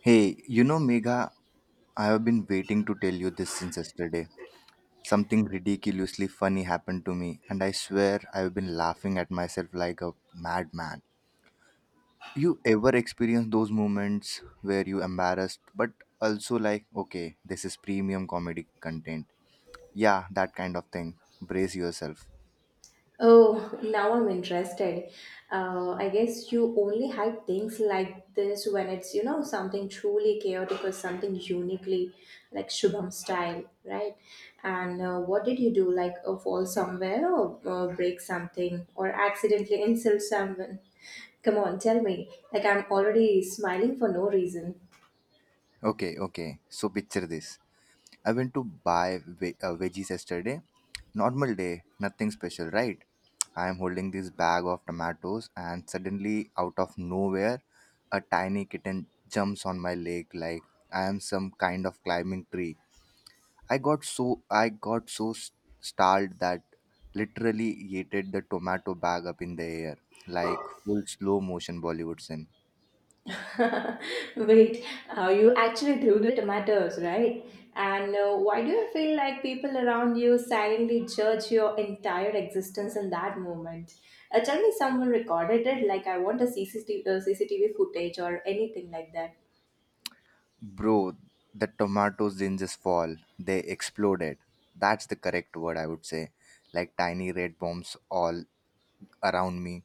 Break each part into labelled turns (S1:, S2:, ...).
S1: Hey, Megha, I have been waiting to tell you this since yesterday. Something ridiculously funny happened to me, and I swear I've been laughing at myself like a madman. You ever experience those moments where you embarrassed, but also like, okay, this is premium comedy content? Yeah, that kind of thing. Brace yourself.
S2: Oh, now I'm interested. I guess you only hide things like this when it's something truly chaotic or something uniquely like Shubham style, right? And what did you do? Like fall somewhere or break something or accidentally insult someone? Come on, tell me. Like I'm already smiling for no reason.
S1: Okay, okay. So picture this. I went to buy veggies yesterday. Normal day, nothing special, right? I am holding this bag of tomatoes, and suddenly, out of nowhere, a tiny kitten jumps on my leg like I am some kind of climbing tree. I got so startled that literally yeeted the tomato bag up in the air like full slow motion Bollywood scene.
S2: Wait, you actually threw the tomatoes, right? And why do you feel like people around you silently judge your entire existence in that moment? Tell me someone recorded it, like I want a CCTV footage or anything like that.
S1: Bro, the tomatoes didn't just fall, they exploded. That's the correct word I would say. Like tiny red bombs all around me.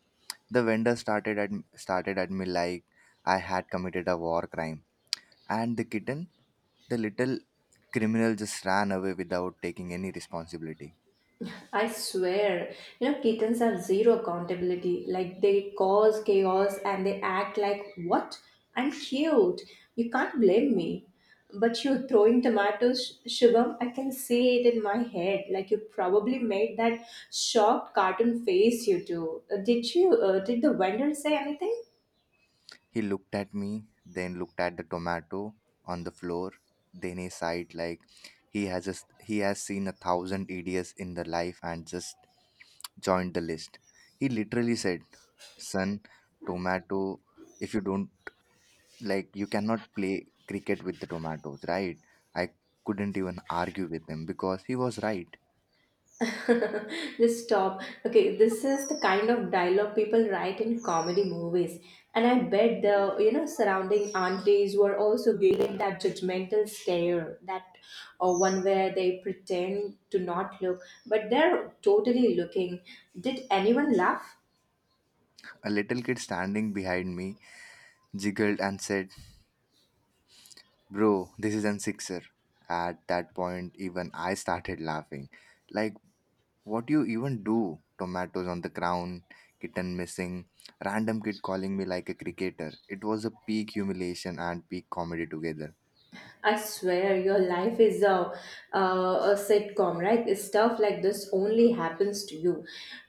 S1: The vendor started at me like I had committed a war crime. And the kitten, the little criminal just ran away without taking any responsibility.
S2: I swear, kittens have zero accountability. Like they cause chaos and they act like, what? I'm cute. You can't blame me. But you throwing tomatoes, Shubham, I can see it in my head. Like you probably made that shocked cartoon face you do. Did the vendor say anything?
S1: He looked at me, then looked at the tomato on the floor. Then he sighed like he has seen a thousand idiots in the life and just joined the list. He literally said, "Son, tomato. If you don't like, you cannot play cricket with the tomatoes, right?" I couldn't even argue with him because he was right.
S2: Just stop. Okay, this is the kind of dialogue people write in comedy movies. And I bet the surrounding aunties were also giving that judgmental stare, that one where they pretend to not look, but they're totally looking. Did anyone laugh?
S1: A little kid standing behind me jiggled and said, "Bro, this is an sixer." At that point, even I started laughing. Like, what do you even do? Tomatoes on the ground, kitten missing, random kid calling me like a cricketer. It was a peak humiliation and peak comedy together.
S2: I swear, your life is a sitcom, right? Stuff like this only happens to you.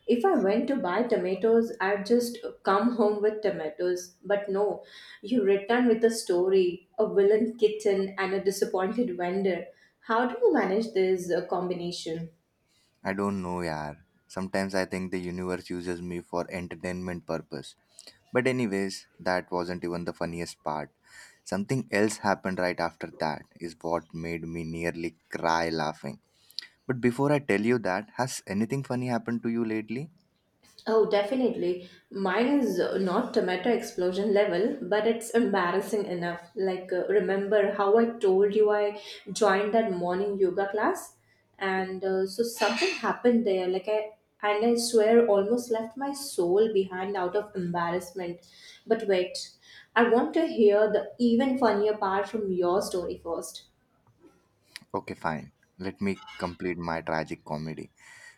S2: If I went to buy tomatoes, I'd just come home with tomatoes. But no, you return with a story, a villain kitten, and a disappointed vendor. How do you manage this combination?
S1: I don't know, yaar. Sometimes I think the universe uses me for entertainment purpose. But anyways, that wasn't even the funniest part. Something else happened right after that is what made me nearly cry laughing. But before I tell you that, has anything funny happened to you lately?
S2: Oh, definitely. Mine is not tomato explosion level, but it's embarrassing enough. Like, remember how I told you I joined that morning yoga class? And so something happened there. Like, I swear almost left my soul behind out of embarrassment. But wait, I want to hear the even funnier part from your story first.
S1: Okay, fine. Let me complete my tragic comedy.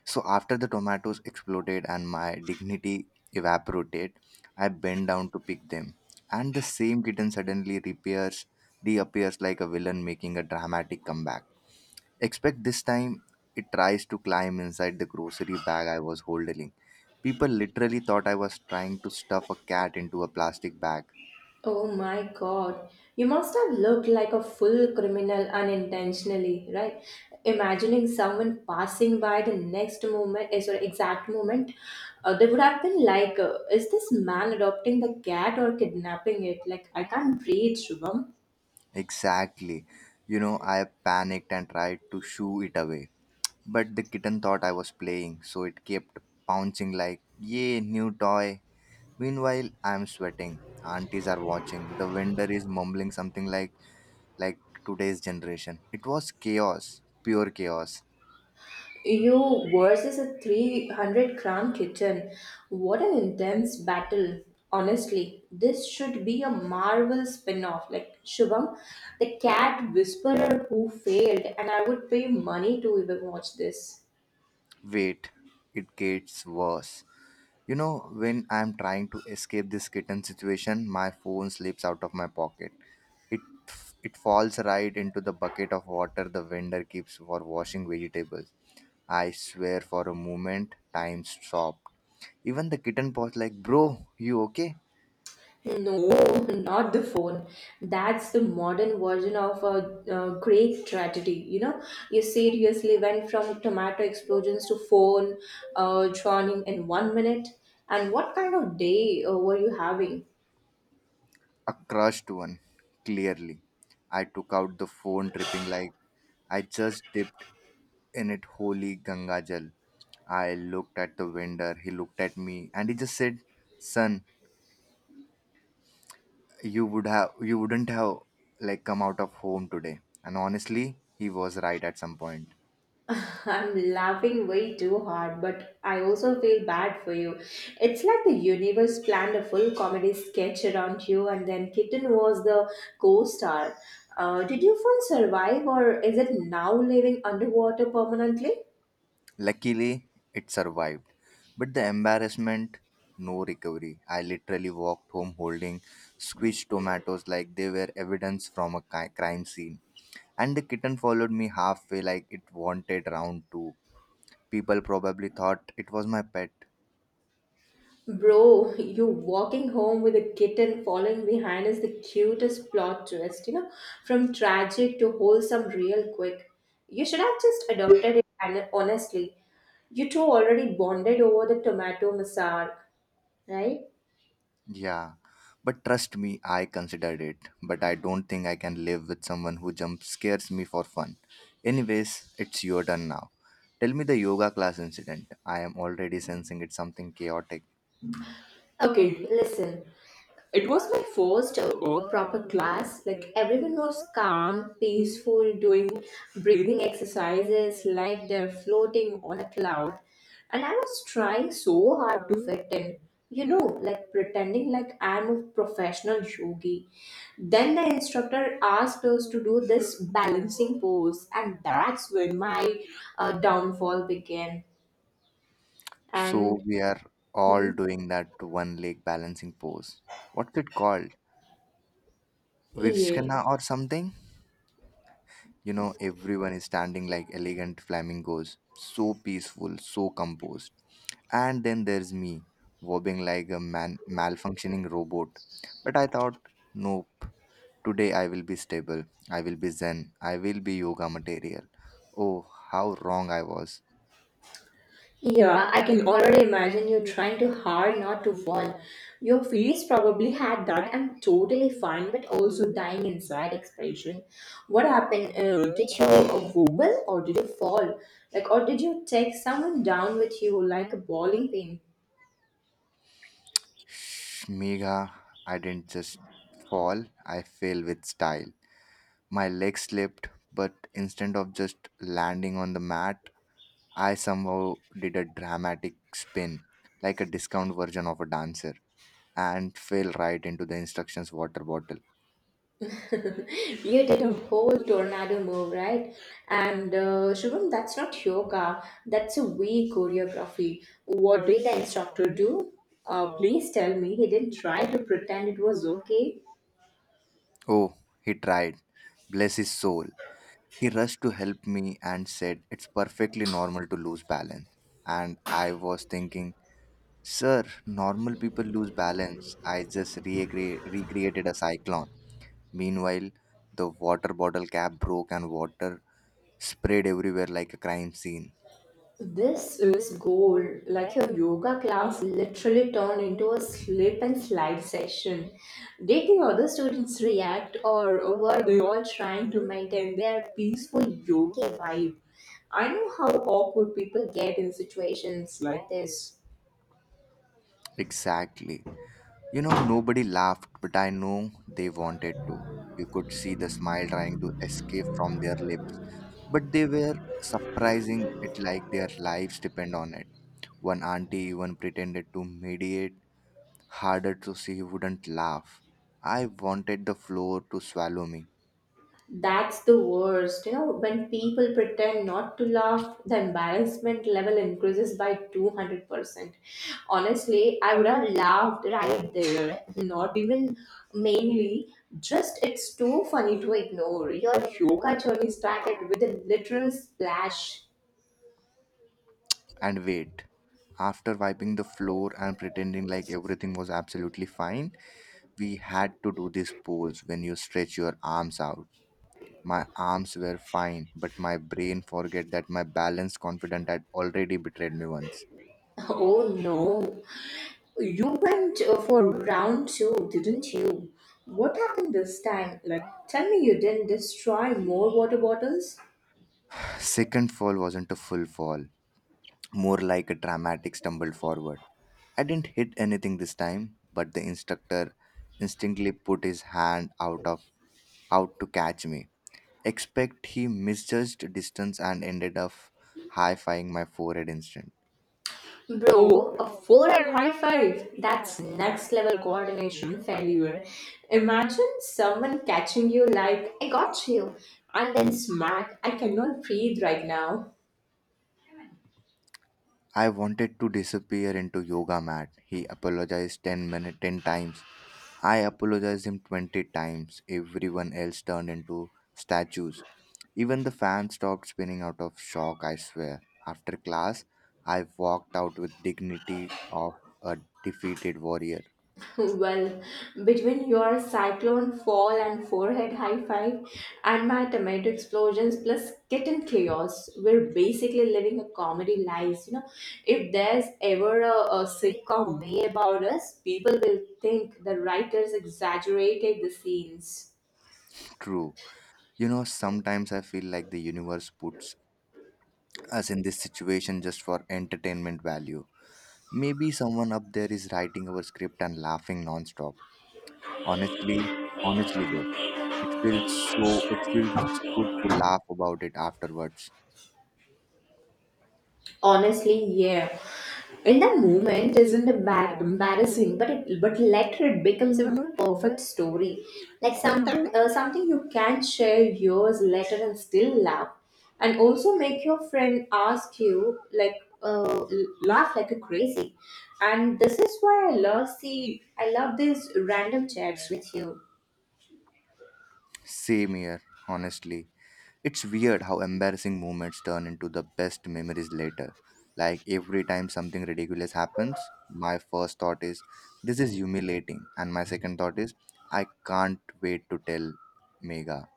S1: So after the tomatoes exploded and my dignity evaporated, I bend down to pick them. And the same kitten suddenly reappears like a villain making a dramatic comeback. Except this time it tries to climb inside the grocery bag I was holding. People literally thought I was trying to stuff a cat into a plastic bag.
S2: Oh my God. You must have looked like a full criminal unintentionally, right? Imagining someone passing by the next moment, eh, sorry, exact moment, they would have been like, is this man adopting the cat or kidnapping it? Like, I can't breathe, Shubham.
S1: Exactly. You know, I panicked and tried to shoo it away. But the kitten thought I was playing, so it kept pouncing like, "Yay, new toy." Meanwhile, I'm sweating. Aunties are watching. The vendor is mumbling something like today's generation. It was chaos, pure chaos.
S2: You versus a 300-gram kitten. What an intense battle. Honestly, this should be a Marvel spin off like Shubham, the cat whisperer who failed, and I would pay money to even watch this.
S1: Wait, it gets worse. You know, when I'm trying to escape this kitten situation, my phone slips out of my pocket. It it falls right into the bucket of water the vendor keeps for washing vegetables. I swear for a moment, time stopped. Even the kitten was like, "Bro, you okay?"
S2: No, not the phone. That's the modern version of a great tragedy. You know, you seriously went from tomato explosions to phone drowning in 1 minute. And what kind of day were you having?
S1: A crushed one, clearly. I took out the phone, dripping like I just dipped in it holy Ganga Jal. I looked at the vendor, he looked at me, and he just said, "Son, you wouldn't have come out of home today." And honestly, he was right at some point.
S2: I'm laughing way too hard, but I also feel bad for you. It's like the universe planned a full comedy sketch around you, and then Kitten was the co star. Did you phone survive, or is it now living underwater permanently?
S1: Luckily, it survived. But the embarrassment, no recovery. I literally walked home holding squished tomatoes like they were evidence from a crime scene. And the kitten followed me halfway like it wanted round two. People probably thought it was my pet.
S2: Bro, you walking home with a kitten following behind is the cutest plot twist, from tragic to wholesome real quick. You should have just adopted it, and honestly. You two already bonded over the tomato massage, right?
S1: Yeah, but trust me, I considered it. But I don't think I can live with someone who jump scares me for fun. Anyways, it's your turn now. Tell me the yoga class incident. I am already sensing it's something chaotic.
S2: Okay, listen. It was my first proper class. Like everyone was calm, peaceful, doing breathing exercises like they're floating on a cloud. And I was trying so hard to fit in. You know, like pretending like I'm a professional yogi. Then the instructor asked us to do this balancing pose, and that's when my downfall began.
S1: So
S2: And
S1: we are all
S2: Mhm.
S1: doing that one leg balancing pose. What's it called?
S2: Yeah,
S1: Virshkana or something? You know, everyone is standing like elegant flamingos, so peaceful, so composed. And then there's me, wobbling like a malfunctioning robot. But I thought, nope, today I will be stable, I will be zen, I will be yoga material. Oh, how wrong I was.
S2: yeah, I can already imagine you trying too hard not to fall. Your face probably had that I'm totally fine, but also dying inside expression. What happened? Did you wobble or did you fall? Like, or did you take someone down with you like a bowling pin?
S1: Shh, Megha, I didn't just fall, I fell with style. My leg slipped, but instead of just landing on the mat, I somehow did a dramatic spin, like a discount version of a dancer, and fell right into the instructions water bottle.
S2: You did a whole tornado move, right? And Shubham, that's not yoga. That's a weak choreography. What did the instructor do? Please tell me he didn't try to pretend it was okay.
S1: Oh, he tried. Bless his soul. He rushed to help me and said, "It's perfectly normal to lose balance." And I was thinking, "Sir, normal people lose balance. I just recreated a cyclone." Meanwhile, the water bottle cap broke and water sprayed everywhere like a crime scene.
S2: This is gold, like your yoga class literally turned into a slip and slide session. Did the other students react, or were they all trying to maintain their peaceful yoga vibe? I know how awkward people get in situations like this.
S1: Exactly. You know, nobody laughed, but I know they wanted to. You could see the smile trying to escape from their lips. But they were surprising it like their lives depend on it. One auntie even pretended to mediate harder so she wouldn't laugh. I wanted the floor to swallow me.
S2: That's the worst. You know, when people pretend not to laugh, the embarrassment level increases by 200%. Honestly, I would have laughed right there. Not even mainly, just it's too funny to ignore. Your yoga journey started with a literal splash.
S1: And wait, after wiping the floor and pretending like everything was absolutely fine, we had to do this pose when you stretch your arms out. My arms were fine, but my brain forget that my balance confident had already betrayed me once.
S2: Oh no. You went for round two, didn't you? What happened this time? Like, tell me you didn't destroy more water bottles?
S1: Second fall wasn't a full fall, more like a dramatic stumble forward. I didn't hit anything this time, but the instructor instinctively put his hand out to catch me. Expect he misjudged distance and ended up high-fiving my forehead instead.
S2: Bro, a 4 and high 5. That's next level coordination failure. Imagine someone catching you like, I got you, and then smack, I cannot breathe right now.
S1: I wanted to disappear into yoga mat. He apologized 10 times. I apologized him 20 times. Everyone else turned into statues. Even the fan stopped spinning out of shock, I swear. After class, I walked out with dignity of a defeated warrior.
S2: Well, between your cyclone fall and forehead high five, and my tomato explosions plus kitten chaos, we're basically living a comedy life. You know, if there's ever a sitcom made about us, people will think the writers exaggerated the scenes.
S1: True. You know, sometimes I feel like the universe puts us in this situation just for entertainment value. Maybe someone up there is writing our script and laughing nonstop. Honestly, honestly though, it feels good to laugh about it afterwards.
S2: Honestly, yeah. In that moment isn't a bad embarrassing, but it but later it becomes a perfect story. Like something something you can share years later and still laugh, and also make your friend ask you like uh, laugh like a crazy. And this is why I love these random chats with you.
S1: Same here, honestly. It's weird how embarrassing moments turn into the best memories later. Like every time something ridiculous happens, my first thought is this is humiliating and my second thought is I can't wait to tell Mega.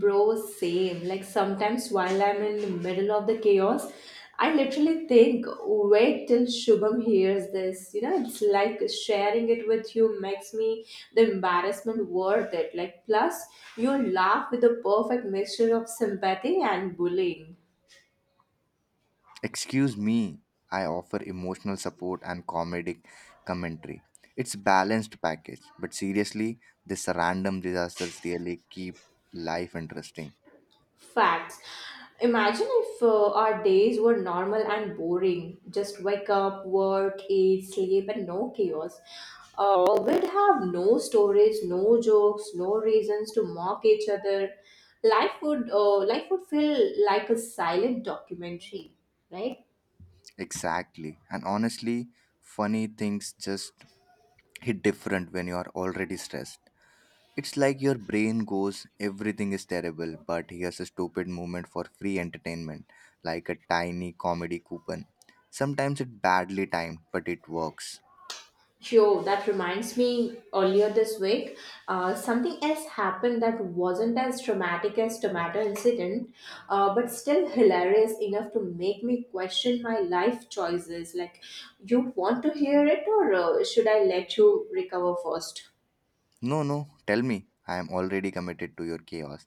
S2: Bro, same. Like sometimes while I'm in the middle of the chaos, I literally think, wait till Shubham hears this. You know, it's like sharing it with you makes me the embarrassment worth it. Like, plus, you laugh with the perfect mixture of sympathy and bullying.
S1: Excuse me, I offer emotional support and comedic commentary. It's balanced package, but seriously, this random disasters really keep life interesting.
S2: Facts. Imagine if our days were normal and boring. Just wake up, work, eat, sleep, and no chaos. We'd have no stories, no jokes, no reasons to mock each other. Life would feel like a silent documentary, right?
S1: Exactly. And honestly, funny things just hit different when you are already stressed. It's like your brain goes, everything is terrible, but here's a stupid moment for free entertainment, like a tiny comedy coupon. Sometimes it's badly timed, but it works.
S2: Joe, that reminds me earlier this week, something else happened that wasn't as traumatic as tomato incident, but still hilarious enough to make me question my life choices. Like, you want to hear it, or should I let you recover first?
S1: No, no, tell me. I am already committed to your chaos.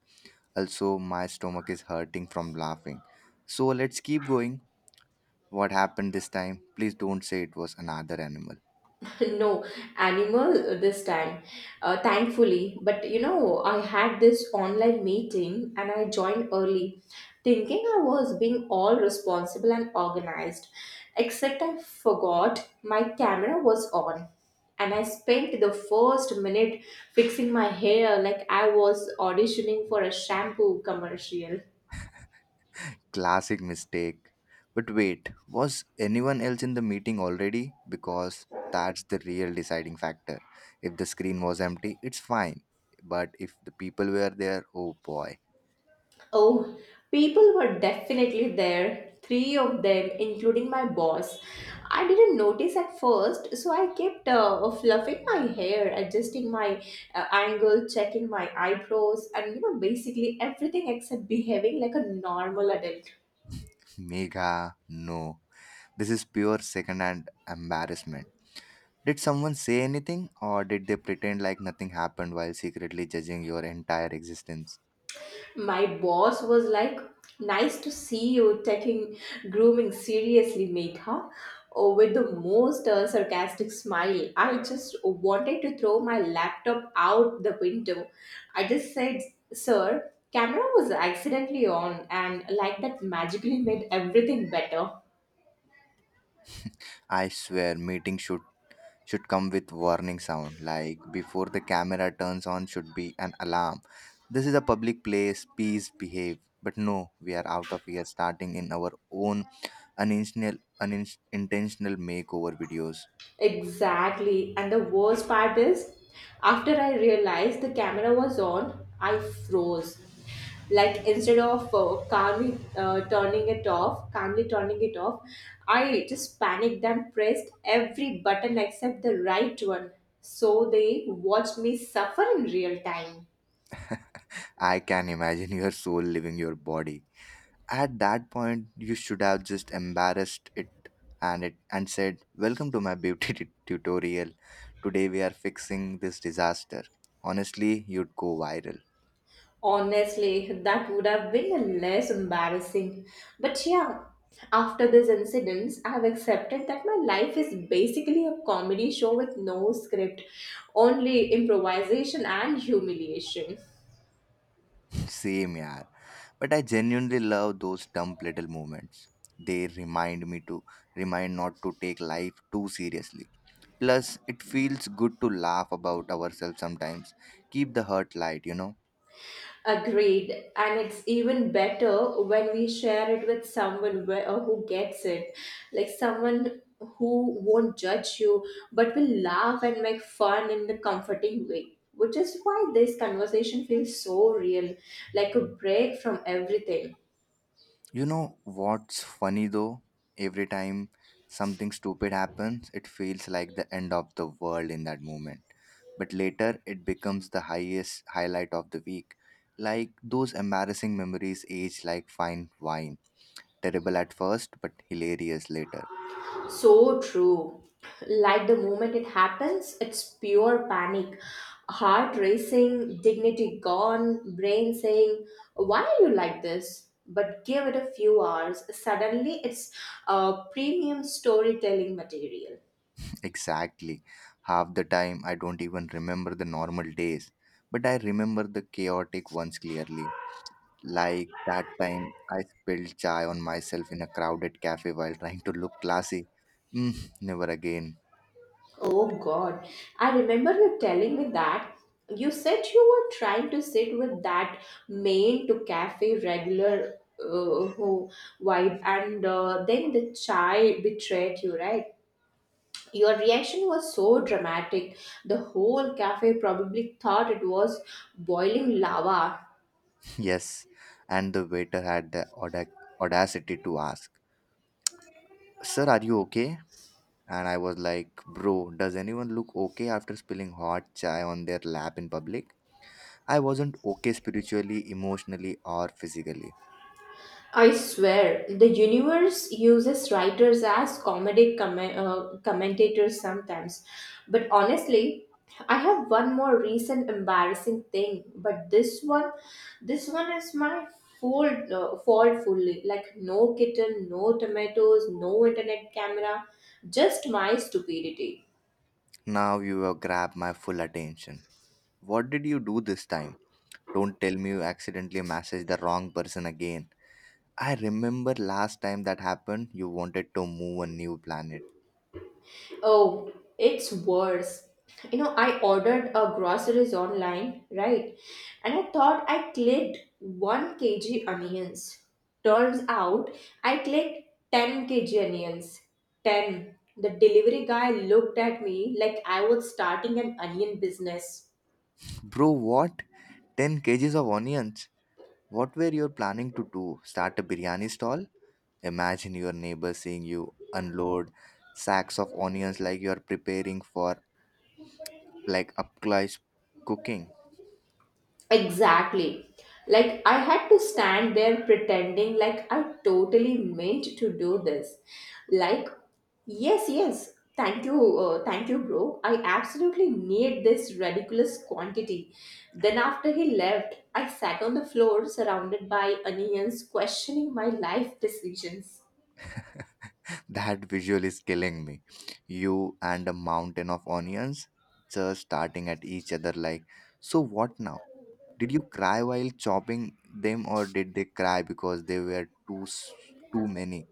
S1: Also, my stomach is hurting from laughing. So let's keep going. What happened this time? Please don't say it was another animal.
S2: No animal this time, thankfully. But you know, I had this online meeting, and I joined early, thinking I was being all responsible and organized, except I forgot my camera was on, and I spent the first minute fixing my hair like I was auditioning for a shampoo commercial.
S1: Classic mistake. But wait, was anyone else in the meeting already? Because that's the real deciding factor. If the screen was empty, it's fine. But if the people were there, oh boy.
S2: Oh, people were definitely there. Three of them, including my boss. I didn't notice at first, so I kept fluffing my hair, adjusting my angle, checking my eyebrows, and basically everything except behaving like a normal adult.
S1: Mega, no. This is pure second hand embarrassment. Did someone say anything, or did they pretend like nothing happened while secretly judging your entire existence?
S2: My boss was like, Nice to see you taking grooming seriously, Megha, or with the most sarcastic smile. I just wanted to throw my laptop out the window. I just said, Sir, camera was accidentally on, and like that magically made everything better.
S1: I swear, meeting should come with warning sound. Like before the camera turns on, should be an alarm. This is a public place. Please behave. But no, we are out of here, starting in our own unintentional makeover videos.
S2: Exactly. And the worst part is, after I realized the camera was on, I froze. Like instead of calmly turning it off, I just panicked and pressed every button except the right one. So they watched me suffer in real time.
S1: I can imagine your soul leaving your body. At that point, you should have just embarrassed it and it and said, "Welcome to my beauty tutorial. Today we are fixing this disaster." Honestly, you'd go viral.
S2: Honestly, that would have been less embarrassing. But yeah, after this incident, I've accepted that my life is basically a comedy show with no script, only improvisation and humiliation.
S1: Same, yeah. But I genuinely love those dumb little moments. They remind me to remind not to take life too seriously. Plus, it feels good to laugh about ourselves sometimes. Keep the hurt light, you know.
S2: Agreed. And it's even better when we share it with someone where, who gets it. Like someone who won't judge you, but will laugh and make fun in the comforting way. Which is why this conversation feels so real, like a break from everything.
S1: You know what's funny though? Every time something stupid happens, it feels like the end of the world in that moment. But later, it becomes the highest highlight of the week. Like those embarrassing memories age like fine wine. Terrible at first, but hilarious later.
S2: So true. Like the moment it happens, it's pure panic. Heart racing, dignity gone, brain saying, Why are you like this? But give it a few hours, suddenly it's premium storytelling material.
S1: Exactly. Half the time, I don't even remember the normal days, but I remember the chaotic ones clearly. Like that time I spilled chai on myself in a crowded cafe while trying to look classy. Mm, never again.
S2: Oh God, I remember you telling me that. You said you were trying to sit with that main to cafe regular who vibe, and then the chai betrayed you, right? Your reaction was so dramatic. The whole cafe probably thought it was boiling lava.
S1: Yes. And the waiter had the audacity to ask, "Sir, are you okay?" And I was like, "Bro, does anyone look okay after spilling hot chai on their lap in public?" I wasn't okay spiritually, emotionally, or physically.
S2: I swear, the universe uses writers as comedic commentators sometimes. But honestly, I have one more recent embarrassing thing, but this one is my fault fully. Like no kitten, no tomatoes, no internet camera, just my stupidity.
S1: Now you have grabbed my full attention. What did you do this time? Don't tell me you accidentally messaged the wrong person again. I remember last time that happened, you wanted to move a new planet.
S2: Oh, it's worse. You know, I ordered a groceries online, right? And I thought I clicked 1 kg onions. Turns out I clicked 10 kg onions. 10. The delivery guy looked at me like I was starting an onion business.
S1: Bro, what? 10 kgs of onions? What were you planning to do? Start a biryani stall? Imagine your neighbor seeing you unload sacks of onions like you are preparing for like up close cooking.
S2: Exactly. Like I had to stand there pretending like I totally meant to do this. Like, yes, yes. Thank you, bro. I absolutely need this ridiculous quantity. Then, after he left, I sat on the floor surrounded by onions, questioning my life decisions.
S1: That visual is killing me. You and a mountain of onions just starting at each other like, so what now? Did you cry while chopping them or did they cry because they were too many?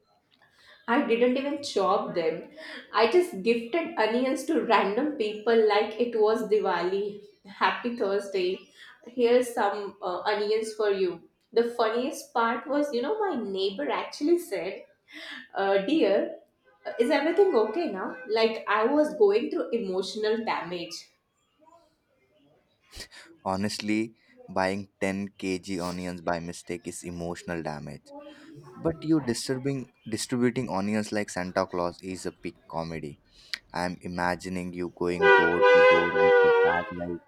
S2: I didn't even chop them. I just gifted onions to random people like it was Diwali. Happy Thursday. Here's some onions for you. The funniest part was, my neighbor actually said, Dear, is everything okay now? Like I was going through emotional damage.
S1: Honestly, buying 10 kg onions by mistake is emotional damage. But you disturbing distributing onions like Santa Claus is a peak comedy. I'm imagining you going door to door with a bag like,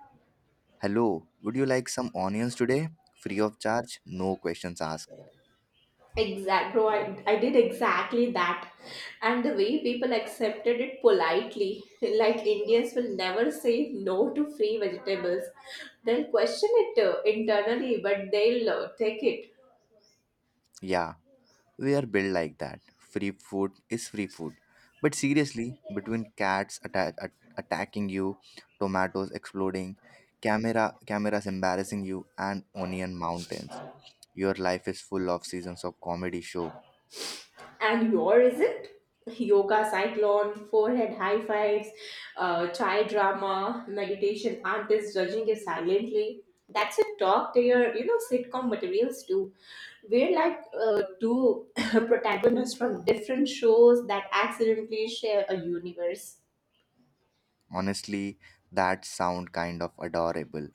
S1: "Hello, would you like some onions today? Free of charge, no questions asked."
S2: Exact, bro. I did exactly that. And the way people accepted it politely, like Indians will never say no to free vegetables. They'll question it internally, but they'll take it.
S1: Yeah, we are built like that. Free food is free food. But seriously, between cats attacking you, tomatoes exploding, cameras embarrassing you, and onion mountains, your life is full of seasons of comedy show.
S2: And your isn't? Yoga, cyclone, forehead high fives, chai drama, meditation, artists judging you silently. That's a talk to your, sitcom materials too. We're like two protagonists from different shows that accidentally share a universe.
S1: Honestly, that sound kind of adorable.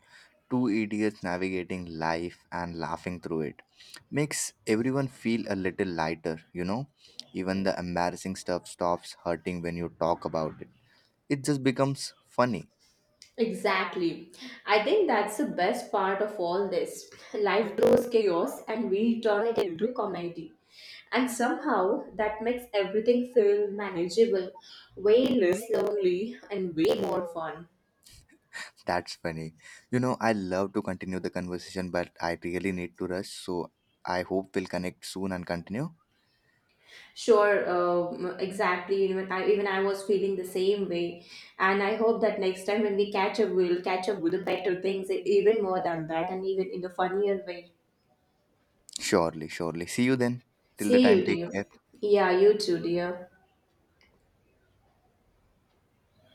S1: Two idiots navigating life and laughing through it makes everyone feel a little lighter, you know? Even the embarrassing stuff stops hurting when you talk about it. It just becomes funny.
S2: Exactly. I think that's the best part of all this. Life throws chaos and we turn it into comedy. And somehow that makes everything feel manageable, way less lonely, and way more fun.
S1: That's funny. You know, I love to continue the conversation, but I really need to rush. So I hope we'll connect soon and continue.
S2: Sure, exactly. Even I was feeling the same way. And I hope that next time when we catch up, we'll catch up with the better things, even more than that, and even in a funnier way.
S1: Surely, surely. See you then. Till the
S2: See
S1: time,
S2: you,
S1: take
S2: dear.
S1: care.
S2: Yeah, you too, dear.